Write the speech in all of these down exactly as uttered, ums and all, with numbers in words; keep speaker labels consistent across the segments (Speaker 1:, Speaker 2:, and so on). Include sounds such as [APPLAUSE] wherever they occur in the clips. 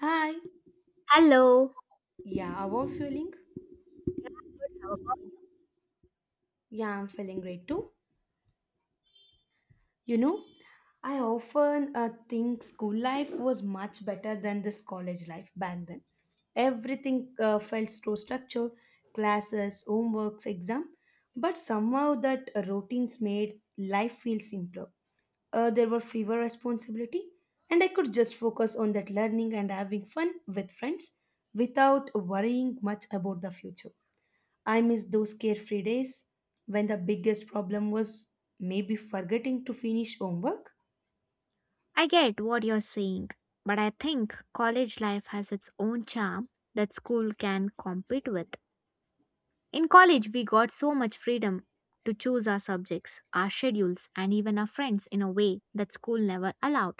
Speaker 1: Hi.
Speaker 2: Hello,
Speaker 1: Yeah, how are you feeling? Yeah, I'm feeling great too. You know, I often uh, think school life was much better than this college life back then. Everything uh, felt so structured, classes, homeworks, exam, but somehow that routines made life feel simpler. Uh, there were fewer responsibility, and I could just focus on that learning and having fun with friends without worrying much about the future. I miss those carefree days when the biggest problem was maybe forgetting to finish homework.
Speaker 2: I get what you're saying, but I think college life has its own charm that school can compete with. In college, we got so much freedom to choose our subjects, our schedules, and even our friends in a way that school never allowed.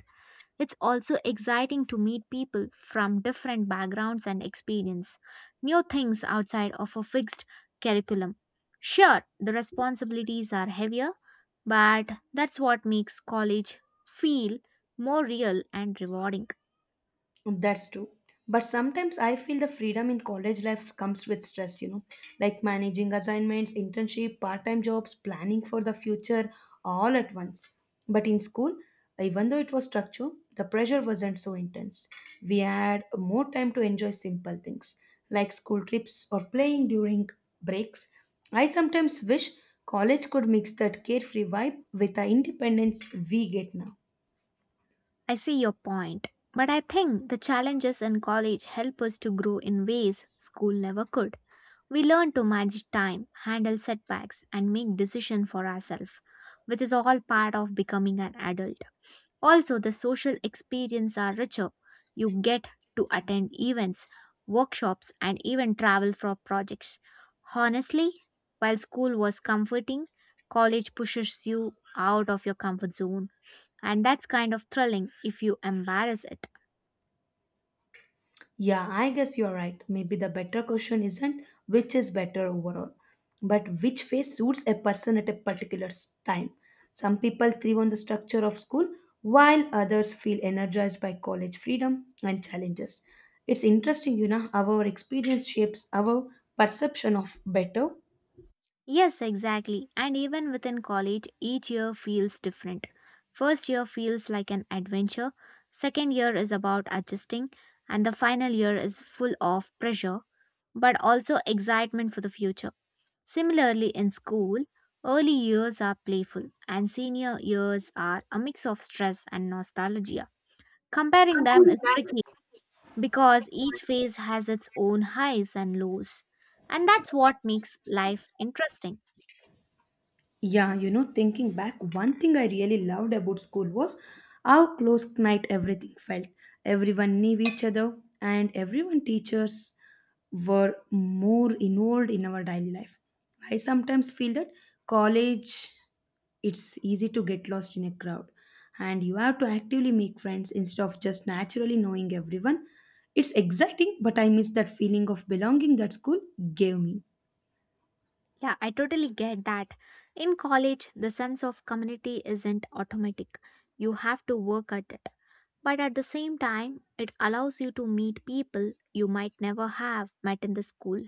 Speaker 2: It's also exciting to meet people from different backgrounds and experience new things outside of a fixed curriculum. Sure, the responsibilities are heavier, but that's what makes college feel more real and rewarding.
Speaker 1: That's true. But sometimes I feel the freedom in college life comes with stress, you know, like managing assignments, internship, part time jobs, planning for the future all at once. But in school, even though it was structured, the pressure wasn't so intense. We had more time to enjoy simple things like school trips or playing during breaks. I sometimes wish college could mix that carefree vibe with the independence we get now.
Speaker 2: I see your point, but I think the challenges in college help us to grow in ways school never could. We learn to manage time, handle setbacks, and make decisions for ourselves, which is all part of becoming an adult. Also, the social experience are richer. You get to attend events, workshops, and even travel for projects. Honestly, while school was comforting, college pushes you out of your comfort zone, and that's kind of thrilling if you embrace it.
Speaker 1: Yeah, I guess you're right. Maybe the better question isn't which is better overall, but which phase suits a person at a particular s- time. Some people thrive on the structure of school, while others feel energized by college freedom and challenges. It's interesting, you know, how our experience shapes our perception of better.
Speaker 2: Yes, exactly. And even within college, each year feels different. First year feels like an adventure, second year is about adjusting, and the final year is full of pressure but also excitement for the future. Similarly, in school, early years are playful and senior years are a mix of stress and nostalgia. Comparing them is tricky because each phase has its own highs and lows, and that's what makes life interesting.
Speaker 1: Yeah, you know, thinking back, one thing I really loved about school was how close knit everything felt. Everyone knew each other, and everyone teachers were more involved in our daily life. I sometimes feel that college it's easy to get lost in a crowd, and you have to actively make friends instead of just naturally knowing everyone. It's exciting, but I miss that feeling of belonging that school gave me.
Speaker 2: Yeah, I totally get that. In college, the sense of community isn't automatic. You have to work at it. But at the same time, it allows you to meet people you might never have met in the school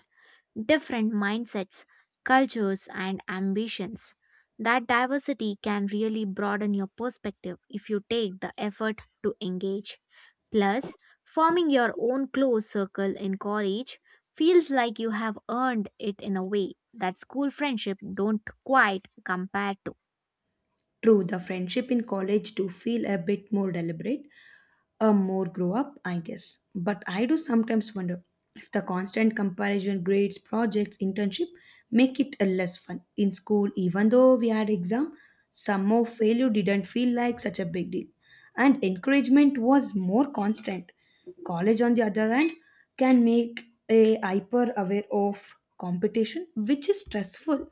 Speaker 2: different mindsets, cultures, and ambitions. That diversity can really broaden your perspective if you take the effort to engage. Plus, forming your own close circle in college feels like you have earned it in a way that school friendship don't quite compare to.
Speaker 1: True, the friendship in college do feel a bit more deliberate, a more grow up, I guess. But I do sometimes wonder if the constant comparison grades, projects, internship make it a less fun. In school, even though we had exam, some more failure didn't feel like such a big deal. And encouragement was more constant. College on the other hand can make a hyper aware of competition, which is stressful.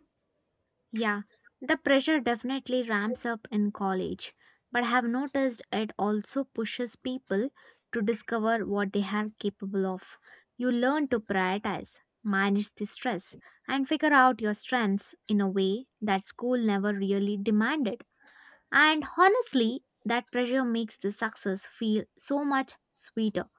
Speaker 2: Yeah, the pressure definitely ramps up in college, but I have noticed it also pushes people to discover what they are capable of. You learn to prioritize, manage the stress, and figure out your strengths in a way that school never really demanded. And honestly, that pressure makes the success feel so much sweeter.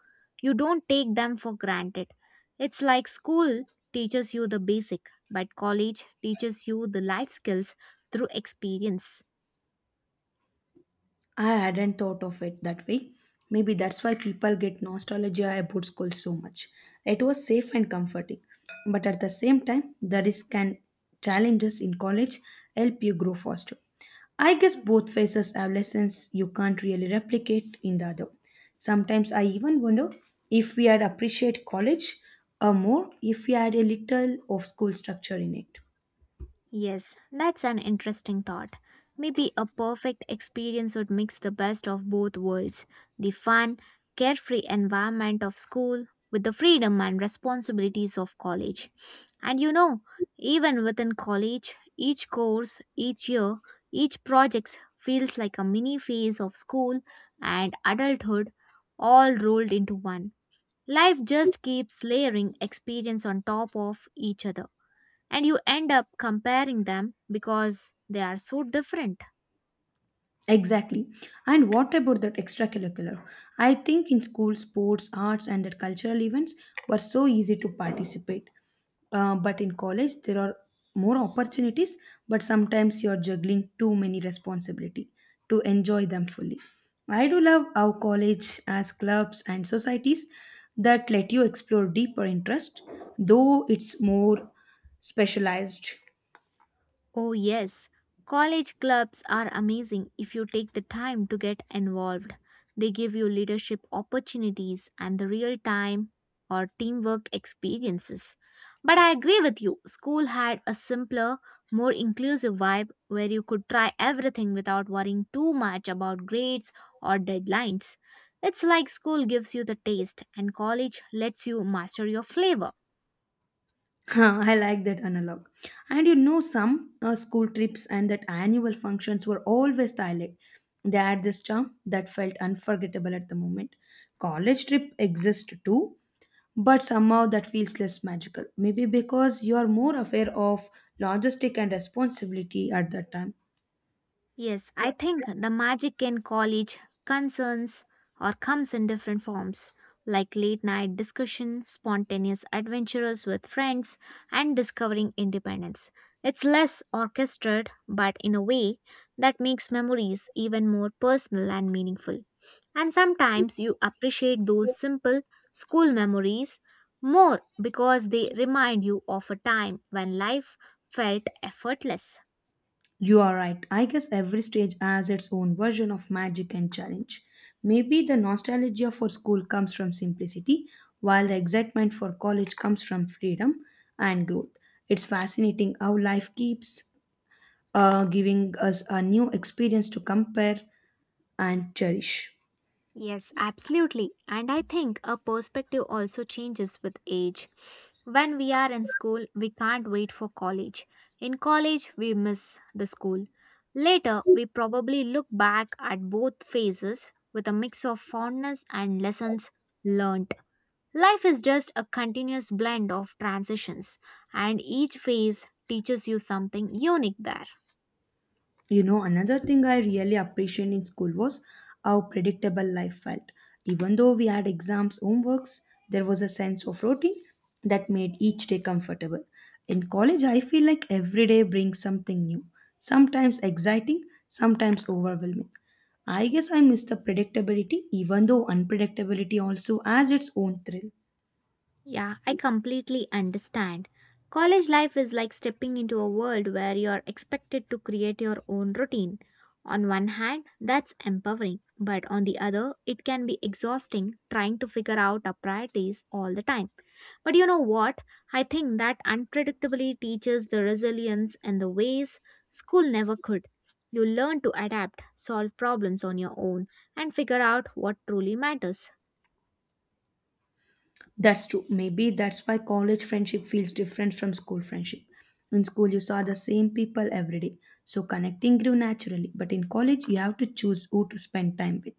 Speaker 2: You don't take them for granted. It's like school teaches you the basic, but college teaches you the life skills through experience.
Speaker 1: I hadn't thought of it that way. Maybe that's why people get nostalgia about school so much. It was safe and comforting. But at the same time, the risk and challenges in college help you grow faster. I guess both phases have lessons you can't really replicate in the other. Sometimes I even wonder if we had appreciate college or more if we had a little of school structure in it.
Speaker 2: Yes, that's an interesting thought. Maybe a perfect experience would mix the best of both worlds the fun, carefree environment of school with the freedom and responsibilities of college. And you know, even within college, each course, each year, each project feels like a mini phase of school and adulthood all rolled into one. Life just keeps layering experience on top of each other and you end up comparing them because they are so different.
Speaker 1: Exactly. And what about that extracurricular? I think in school, sports, arts, and that cultural events were so easy to participate. Uh, but in college, there are more opportunities, but sometimes you're juggling too many responsibility to enjoy them fully. I do love how college as clubs and societies that let you explore deeper interest, though it's more specialized.
Speaker 2: Oh, yes, college clubs are amazing if you take the time to get involved. They give you leadership opportunities and the real time or teamwork experiences. But I agree with you, school had a simpler, more inclusive vibe where you could try everything without worrying too much about grades or deadlines. It's like school gives you the taste and college lets you master your flavor.
Speaker 1: [LAUGHS] I like that analog. And you know, some uh, school trips and that annual functions were always silent. They had this charm that felt unforgettable at the moment. College trip exists too, but somehow that feels less magical. Maybe because you are more aware of logistic and responsibility at that time.
Speaker 2: Yes, I think the magic in college concerns or comes in different forms, like late night discussion, spontaneous adventures with friends, and discovering independence. It's less orchestrated, but in a way that makes memories even more personal and meaningful. And sometimes you appreciate those simple school memories more because they remind you of a time when life felt effortless.
Speaker 1: You are right. I guess every stage has its own version of magic and challenge. Maybe the nostalgia for school comes from simplicity, while the excitement for college comes from freedom and growth. It's fascinating how life keeps uh, giving us a new experience to compare and cherish.
Speaker 2: Yes, absolutely. And I think our perspective also changes with age. When we are in school, we can't wait for college. In college, we miss the school. Later, we probably look back at both phases with a mix of fondness and lessons learnt. Life is just a continuous blend of transitions, and each phase teaches you something unique there.
Speaker 1: You know, another thing I really appreciated in school was how predictable life felt. Even though we had exams, homeworks, there was a sense of routine that made each day comfortable. In college, I feel like every day brings something new, sometimes exciting, sometimes overwhelming. I guess I miss the predictability, even though unpredictability also has its own thrill.
Speaker 2: Yeah, I completely understand. College life is like stepping into a world where you are expected to create your own routine. On one hand, that's empowering, but on the other, it can be exhausting trying to figure out our priorities all the time. But you know what? I think that unpredictability teaches the resilience and the ways school never could. You learn to adapt, solve problems on your own, and figure out what truly matters.
Speaker 1: That's true. Maybe that's why college friendship feels different from school friendship. In school, you saw the same people every day, so connecting grew naturally. But in college, you have to choose who to spend time with.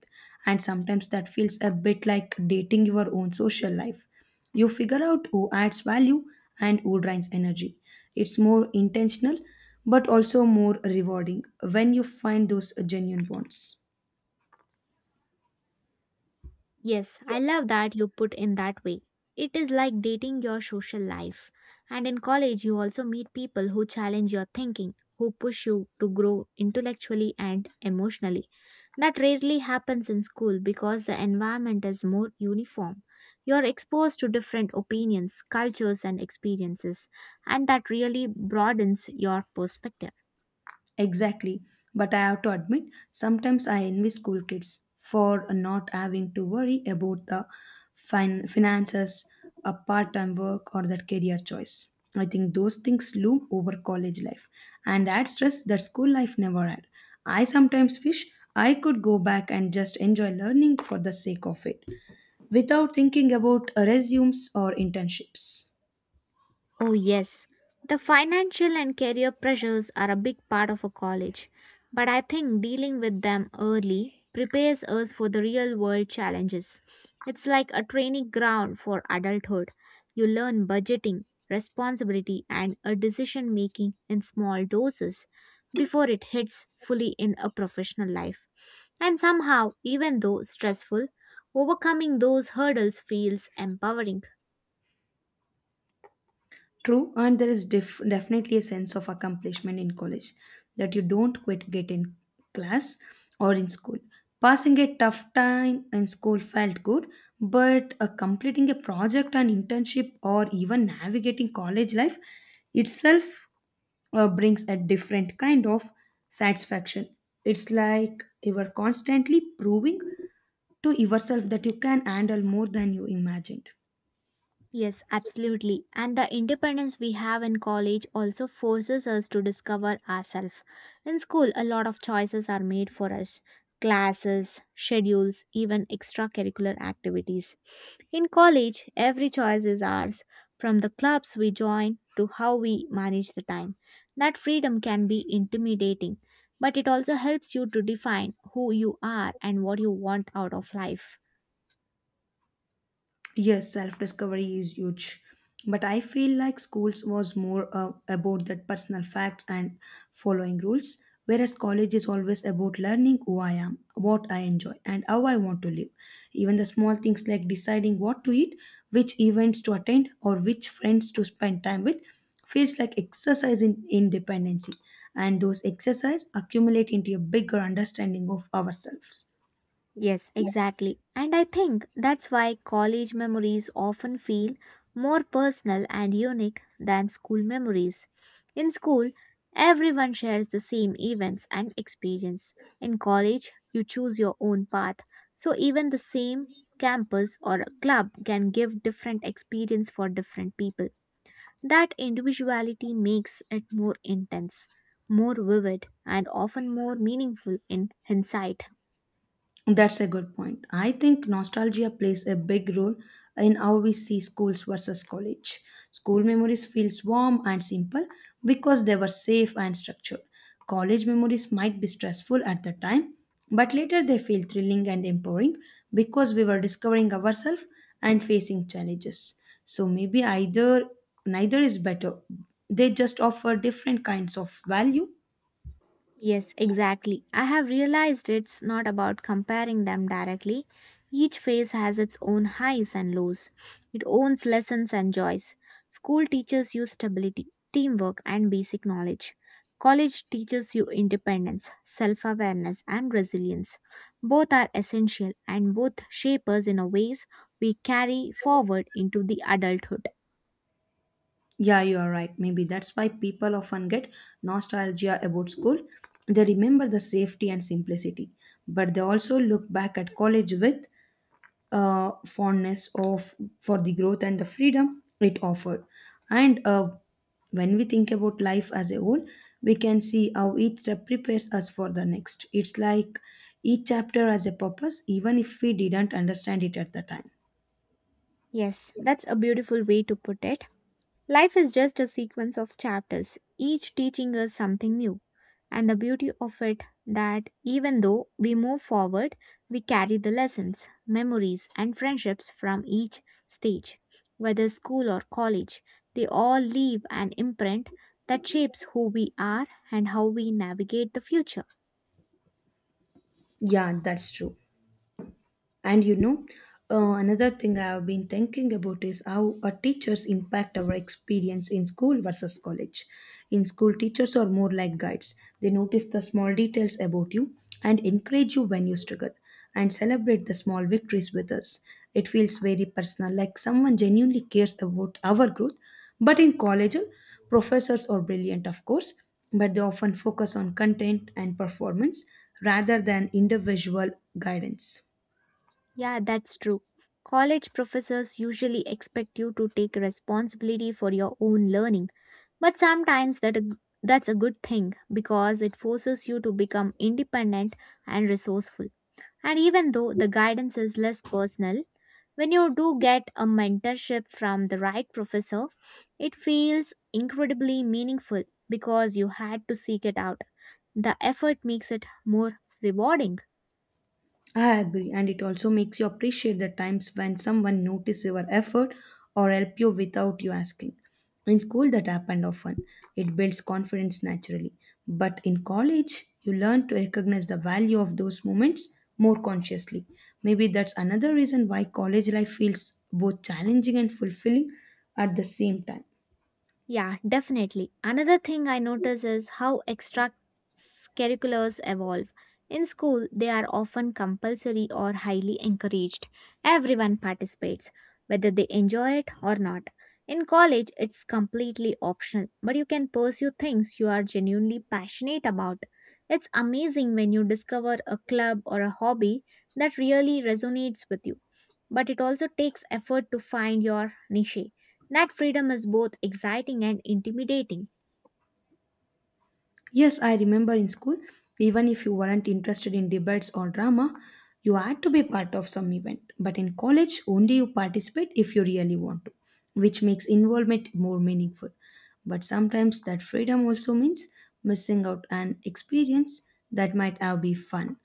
Speaker 1: And sometimes that feels a bit like dating your own social life. You figure out who adds value and who drains energy. It's more intentional, but also more rewarding when you find those genuine bonds.
Speaker 2: Yes, I love that you put in that way. It is like dating your social life. And in college, you also meet people who challenge your thinking, who push you to grow intellectually and emotionally. That rarely happens in school because the environment is more uniform. You're exposed to different opinions, cultures, and experiences, and that really broadens your perspective.
Speaker 1: Exactly. But I have to admit, sometimes I envy school kids for not having to worry about the fin- finances, a part time work, or that career choice. I think those things loom over college life and add stress that school life never had. I sometimes wish I could go back and just enjoy learning for the sake of it without thinking about resumes or internships.
Speaker 2: Oh, yes. The financial and career pressures are a big part of a college, but I think dealing with them early prepares us for the real world challenges. It's like a training ground for adulthood. You learn budgeting, responsibility, and a decision making in small doses before it hits fully in a professional life. And somehow, even though stressful, overcoming those hurdles feels empowering.
Speaker 1: True, and there is def- definitely a sense of accomplishment in college that you don't quite get in class or in school. Passing a tough time in school felt good, but uh, completing a project, an internship, or even navigating college life itself uh, brings a different kind of satisfaction. It's like you are constantly proving to yourself that you can handle more than you imagined.
Speaker 2: Yes, absolutely. And the independence we have in college also forces us to discover ourselves. In school, a lot of choices are made for us classes, schedules, even extracurricular activities. In college, every choice is ours, from the clubs we join to how we manage the time. That freedom can be intimidating, but it also helps you to define who you are and what you want out of life.
Speaker 1: Yes, self discovery is huge. But I feel like schools was more uh, about that personal facts and following rules, whereas college is always about learning who I am, what I enjoy, and how I want to live. Even the small things like deciding what to eat, which events to attend, or which friends to spend time with feels like exercise in independency. And those exercise accumulate into a bigger understanding of ourselves.
Speaker 2: Yes, exactly. And I think that's why college memories often feel more personal and unique than school memories. In school, everyone shares the same events and experience. In college, you choose your own path. So even the same campus or club can give different experience for different people. That individuality makes it more intense, more vivid, and often more meaningful in hindsight.
Speaker 1: That's a good point. I think nostalgia plays a big role in how we see schools versus college. School memories feels warm and simple because they were safe and structured. College memories might be stressful at the time, but later they feel thrilling and empowering because we were discovering ourselves and facing challenges. So maybe either neither is better. They just offer different kinds of value.
Speaker 2: Yes, exactly. I have realized it's not about comparing them directly. Each phase has its own highs and lows. It owns lessons and joys. School teaches you stability, teamwork, and basic knowledge. College teaches you independence, self awareness, and resilience. Both are essential and both shape us in a ways we carry forward into the adulthood.
Speaker 1: Yeah, you are right. Maybe that's why people often get nostalgia about school. They remember the safety and simplicity, but they also look back at college with uh, fondness of for the growth and the freedom it offered. And uh, when we think about life as a whole, we can see how each step prepares us for the next. It's like each chapter has a purpose, even if we didn't understand it at the time.
Speaker 2: Yes, that's a beautiful way to put it. Life is just a sequence of chapters, each teaching us something new. And the beauty of it that even though we move forward, we carry the lessons, memories, and friendships from each stage, whether school or college, they all leave an imprint that shapes who we are and how we navigate the future.
Speaker 1: Yeah, that's true. And you know, uh, another thing I have been thinking about is how our teachers impact our experience in school versus college. In school, teachers are more like guides. They notice the small details about you and encourage you when you struggle and celebrate the small victories with us. It feels very personal, like someone genuinely cares about our growth. But in college, professors are brilliant, of course, but they often focus on content and performance rather than individual guidance.
Speaker 2: Yeah, that's true. College professors usually expect you to take responsibility for your own learning. But sometimes that a g- that's a good thing because it forces you to become independent and resourceful. And even though the guidance is less personal, when you do get a mentorship from the right professor, it feels incredibly meaningful because you had to seek it out. The effort makes it more rewarding.
Speaker 1: I agree, and it also makes you appreciate the times when someone notices your effort or helped you without you asking. In school, that happened often. It builds confidence naturally. But in college, you learn to recognize the value of those moments more consciously. Maybe that's another reason why college life feels both challenging and fulfilling at the same time.
Speaker 2: Yeah, definitely. Another thing I notice is how extracurriculars evolve. In school, they are often compulsory or highly encouraged. Everyone participates, whether they enjoy it or not. In college, it's completely optional, but you can pursue things you are genuinely passionate about. It's amazing when you discover a club or a hobby that really resonates with you but it also takes effort to find your niche. That freedom is both exciting and intimidating.
Speaker 1: Yes, I remember in school, even if you weren't interested in debates or drama, you had to be part of some event. But in college, only you participate if you really want to, which makes involvement more meaningful. But sometimes that freedom also means missing out an experience that might have been fun,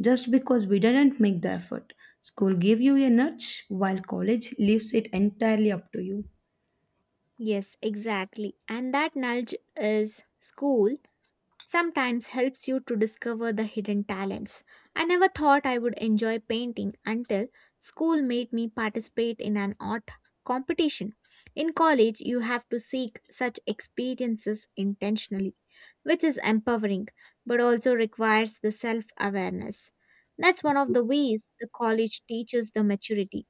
Speaker 1: just because we didn't make the effort. School gave you a nudge, while college leaves it entirely up to you.
Speaker 2: Yes, exactly. And that nudge is school sometimes helps you to discover the hidden talents. I never thought I would enjoy painting until school made me participate in an art competition. In college, you have to seek such experiences intentionally, which is empowering but also requires the self awareness. That's one of the ways the college teaches the maturity.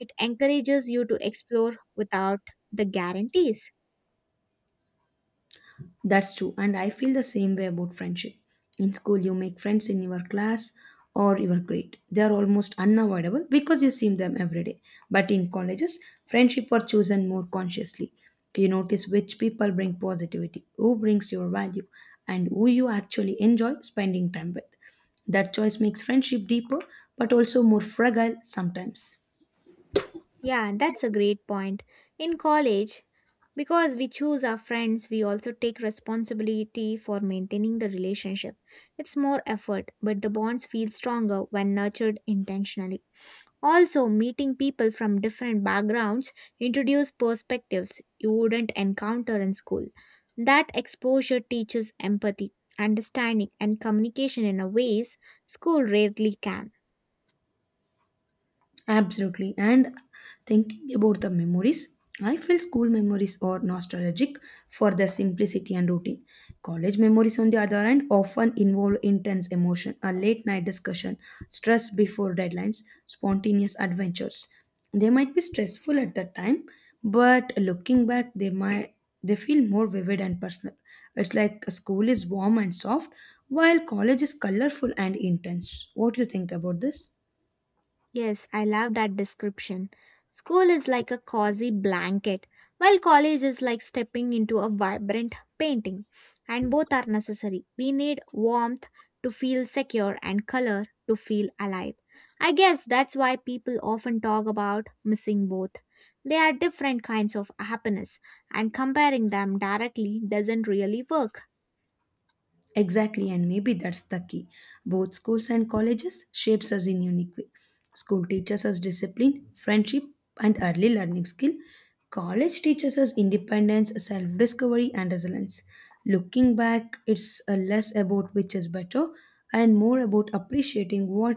Speaker 2: It encourages you to explore without the guarantees.
Speaker 1: That's true, and I feel the same way about friendship. In school, you make friends in your class or your grade. They are almost unavoidable because you see them every day. But in colleges, friendship are chosen more consciously. You notice which people bring positivity, who brings your value, and who you actually enjoy spending time with. That choice makes friendship deeper but also more fragile sometimes.
Speaker 2: Yeah, that's a great point. In college, because we choose our friends, we also take responsibility for maintaining the relationship. It's more effort, but the bonds feel stronger when nurtured intentionally. Also, meeting people from different backgrounds introduce perspectives you wouldn't encounter in school. That exposure teaches empathy, understanding, and communication in a ways school rarely can.
Speaker 1: Absolutely. And thinking about the memories, I feel school memories are nostalgic for their simplicity and routine. College memories, on the other hand, often involve intense emotion, a late night discussion, stress before deadlines, spontaneous adventures. They might be stressful at the time, but looking back, they might they feel more vivid and personal. It's like school is warm and soft, while college is colorful and intense. What do you think about this?
Speaker 2: Yes, I love that description. School is like a cozy blanket, while college is like stepping into a vibrant painting. And both are necessary. We need warmth to feel secure and color to feel alive. I guess that's why people often talk about missing both. They are different kinds of happiness, and comparing them directly doesn't really work.
Speaker 1: Exactly, and maybe that's the key. Both schools and colleges shapes us in unique way. School teaches us discipline, friendship, and early learning skill. College teaches us independence, self-discovery, and resilience. Looking back, it's uh, less about which is better and more about appreciating what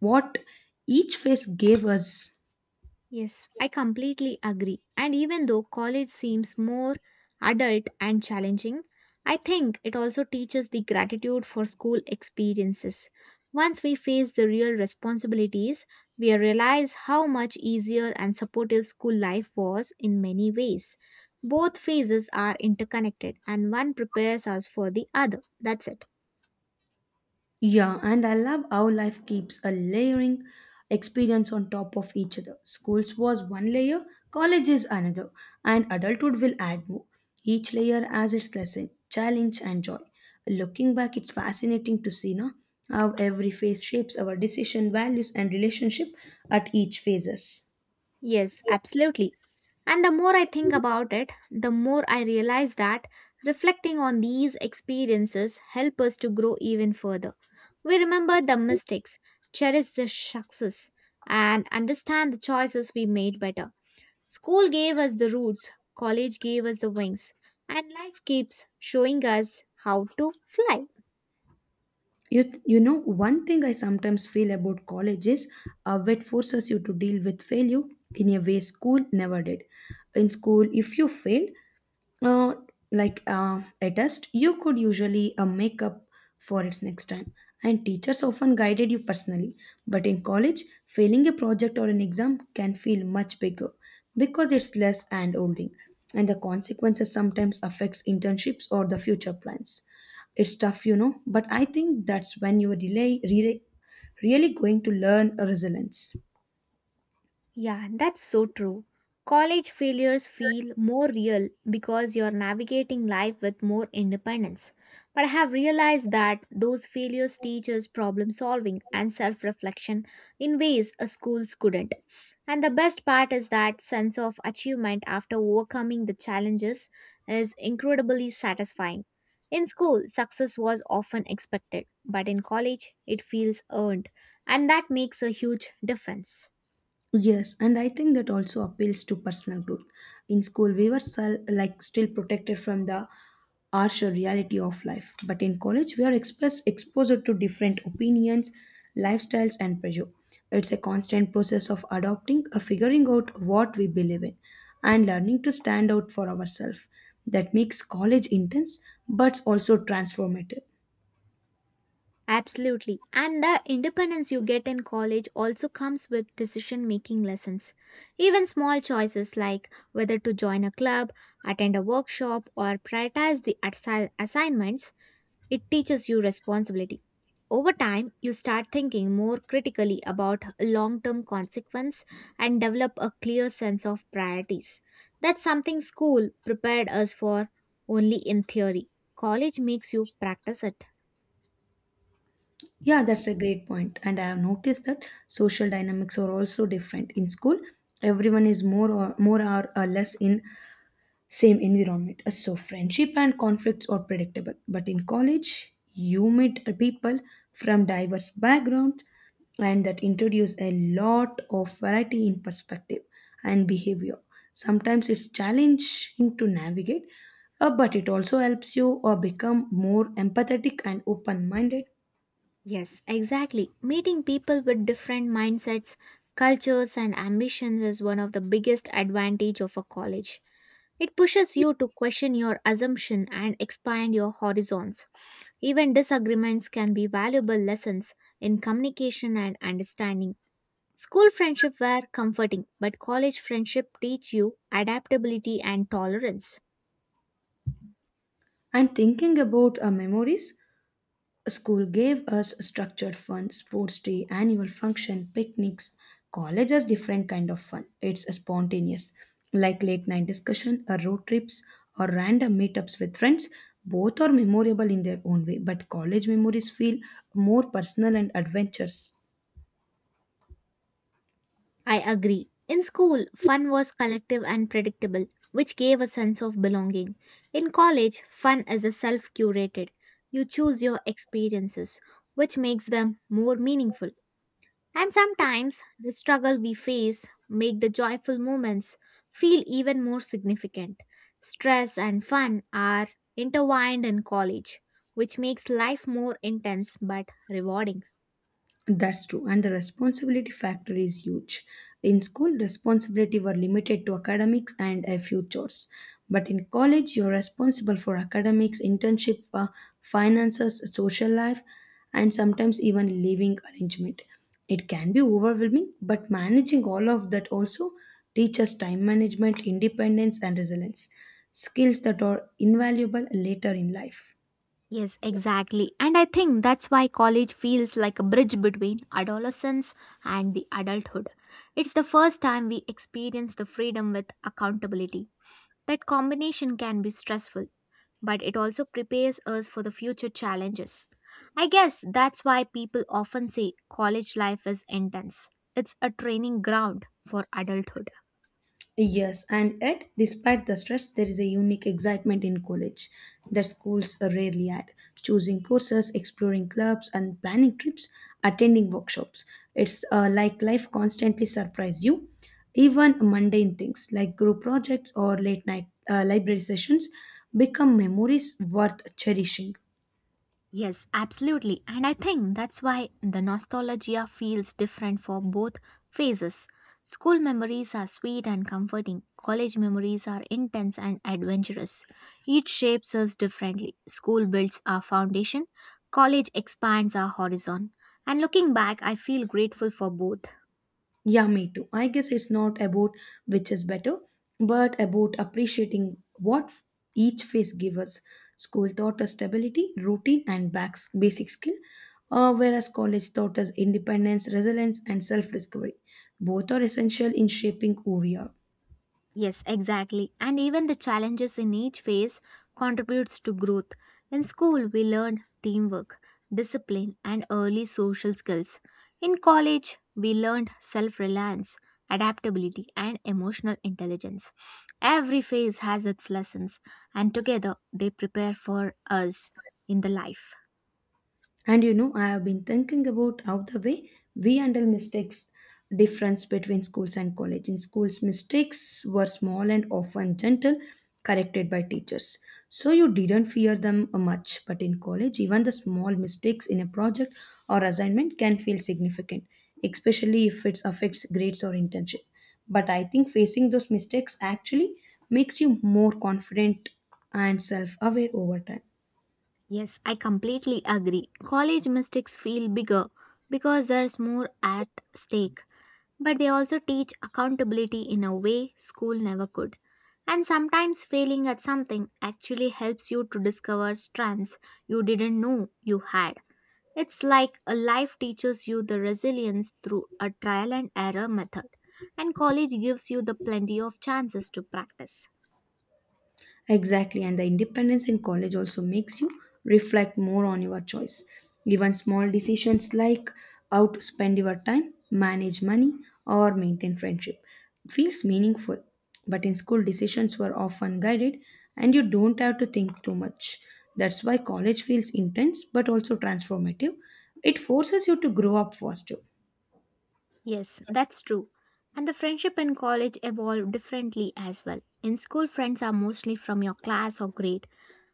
Speaker 1: what each phase gave us.
Speaker 2: Yes, I completely agree. And even though college seems more adult and challenging, I think it also teaches the gratitude for school experiences. Once we face the real responsibilities, we realize how much easier and supportive school life was in many ways. Both phases are interconnected and one prepares us for the other. That's it.
Speaker 1: Yeah, and I love how life keeps a layering experience on top of each other. Schools was one layer, college is another, and adulthood will add more. Each layer has its lesson, challenge, and joy. Looking back, it's fascinating to see now how every phase shapes our decision, values, and relationship at each phases.
Speaker 2: Yes, absolutely. And the more I think about it, the more I realize that reflecting on these experiences help us to grow even further. We remember the mistakes, cherish the success, and understand the choices we made better. School gave us the roots, college gave us the wings, and life keeps showing us how to fly.
Speaker 1: You, th- you know, One thing I sometimes feel about college is how it forces you to deal with failure in a way school never did. In school, if you failed, uh, like uh, a test, you could usually uh, make up for its next time. And teachers often guided you personally. But in college, failing a project or an exam can feel much bigger because it's less hand holding, and the consequences sometimes affects internships or the future plans. It's tough, you know, but I think that's when you are delay really, really going to learn resilience.
Speaker 2: Yeah, that's so true. College failures feel more real because you're navigating life with more independence. But I have realized that those failures teach us problem solving and self reflection in ways a schools couldn't. And the best part is that sense of achievement after overcoming the challenges is incredibly satisfying. In school, success was often expected, but in college, it feels earned, and that makes a huge difference.
Speaker 1: Yes, and I think that also appeals to personal growth. In school, we were sel- like still protected from the harsher reality of life, but in college, we are express- exposed to different opinions, lifestyles, and pressure. It's a constant process of adopting, uh, figuring out what we believe in, and learning to stand out for ourselves. That makes college intense, but also transformative.
Speaker 2: Absolutely. And the independence you get in college also comes with decision making lessons. Even small choices like whether to join a club, attend a workshop, or prioritize the assi- assignments, it teaches you responsibility. Over time, you start thinking more critically about long term consequence and develop a clear sense of priorities. That's something school prepared us for only in theory. College makes you practice it.
Speaker 1: Yeah, that's a great point. And I have noticed that social dynamics are also different. In school, everyone is more or more or uh, less in same environment. Uh, So friendship and conflicts are predictable. But in college, you meet uh, people from diverse backgrounds and that introduce a lot of variety in perspective and behavior. Sometimes it's challenging to navigate, uh, but it also helps you uh, become more empathetic and open minded.
Speaker 2: Yes, exactly. Meeting people with different mindsets, cultures and ambitions is one of the biggest advantage of a college. It pushes you to question your assumption and expand your horizons. Even disagreements can be valuable lessons in communication and understanding. School friendship were comforting, but college friendship teach you adaptability and tolerance.
Speaker 1: And thinking about our memories, school gave us structured fun, sports day, annual function, picnics. College has different kind of fun. It's spontaneous, like late night discussion, or road trips, or random meetups with friends. Both are memorable in their own way, but college memories feel more personal and adventures.
Speaker 2: I agree. In school, fun was collective and predictable, which gave a sense of belonging. In college, fun is a self curated. You choose your experiences, which makes them more meaningful. And sometimes the struggle we face make the joyful moments feel even more significant. Stress and fun are intertwined in college, which makes life more intense but rewarding.
Speaker 1: That's true, and the responsibility factor is huge. In school, responsibility were limited to academics and a few chores. But in college, you're responsible for academics, internship, uh, finances, social life, and sometimes even living arrangement. It can be overwhelming, but managing all of that also teaches time management, independence, and resilience, skills that are invaluable later in life.
Speaker 2: Yes, exactly. And I think that's why college feels like a bridge between adolescence and the adulthood. It's the first time we experience the freedom with accountability. That combination can be stressful, but it also prepares us for the future challenges. I guess that's why people often say college life is intense. It's a training ground for adulthood.
Speaker 1: Yes, and yet, despite the stress, there is a unique excitement in college that schools rarely add. Choosing courses, exploring clubs, and planning trips, attending workshops. It's uh, like life constantly surprises you. Even mundane things like group projects or late night uh, library sessions become memories worth cherishing.
Speaker 2: Yes, absolutely. And I think that's why the nostalgia feels different for both phases. School memories are sweet and comforting, college memories are intense and adventurous. Each shapes us differently. School builds our foundation, college expands our horizon. And looking back, I feel grateful for both.
Speaker 1: Yeah, me too. I guess it's not about which is better, but about appreciating what each phase gives us. School taught us stability, routine, and backs, basic skill, uh, whereas college taught us independence, resilience, and self discovery. Both are essential in shaping who we are.
Speaker 2: Yes, exactly. And even the challenges in each phase contributes to growth. In school, we learn teamwork, discipline, and early social skills. In college, we learned self-reliance, adaptability, and emotional intelligence. Every phase has its lessons, and together they prepare for us in the life.
Speaker 1: And you know, I have been thinking about how the way we handle mistakes difference between schools and college. In schools, mistakes were small and often gentle, corrected by teachers. So you didn't fear them much. But in college, even the small mistakes in a project or assignment can feel significant, especially if it affects grades or internship. But I think facing those mistakes actually makes you more confident and self aware over time.
Speaker 2: Yes, I completely agree. College mistakes feel bigger because there's more at stake. But they also teach accountability in a way school never could. And sometimes failing at something actually helps you to discover strengths you didn't know you had. It's like a life teaches you the resilience through a trial and error method, and college gives you the plenty of chances to practice.
Speaker 1: Exactly, and the independence in college also makes you reflect more on your choice. Even small decisions like how to spend your time, manage money, or maintain friendship feels meaningful. But in school, decisions were often guided, and you don't have to think too much. That's why college feels intense but also transformative. It forces you to grow up faster.
Speaker 2: Yes, that's true. And the friendship in college evolve differently as well. In school, friends are mostly from your class or grade.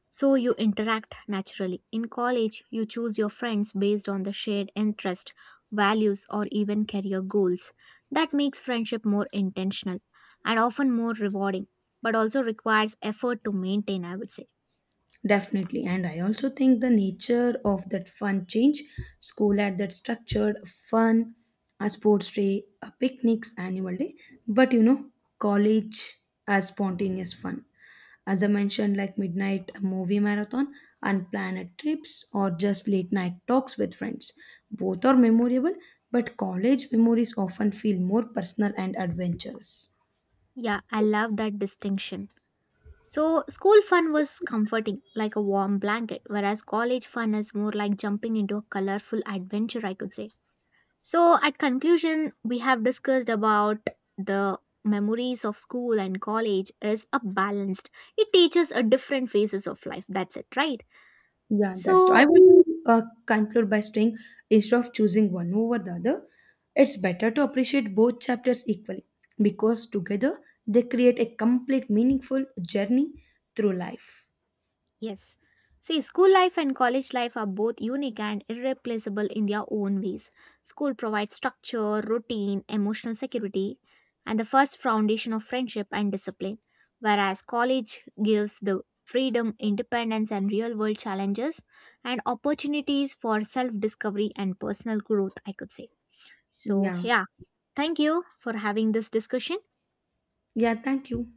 Speaker 2: So you interact naturally. In college, you choose your friends based on the shared interest, values, or even career goals. That makes friendship more intentional and often more rewarding, but also requires effort to maintain, I would say.
Speaker 1: Definitely. And I also think the nature of that fun change, school had that structured fun, a sports day, a picnics, annual day. But you know, college as spontaneous fun. As I mentioned, like midnight movie marathon, unplanned trips, or just late night talks with friends. Both are memorable, but college memories often feel more personal and adventurous.
Speaker 2: Yeah, I love that distinction. So, school fun was comforting, like a warm blanket, whereas college fun is more like jumping into a colorful adventure, I could say. So, at conclusion, we have discussed about the memories of school and college is a balanced. It teaches a different phases of life. That's it, right?
Speaker 1: Yeah, that's true. I
Speaker 2: So,
Speaker 1: would uh, conclude by saying instead of choosing one over the other, it's better to appreciate both chapters equally because together they create a complete, meaningful journey through life.
Speaker 2: yes. See, school life and college life are both unique and irreplaceable in their own ways. School provides structure, routine, emotional security, and the first foundation of friendship and discipline, whereas college gives the freedom, independence, and real world challenges and opportunities for self discovery and personal growth, I could say. So,
Speaker 1: Yeah.
Speaker 2: yeah, thank you for having this discussion.
Speaker 1: Yeah, thank you.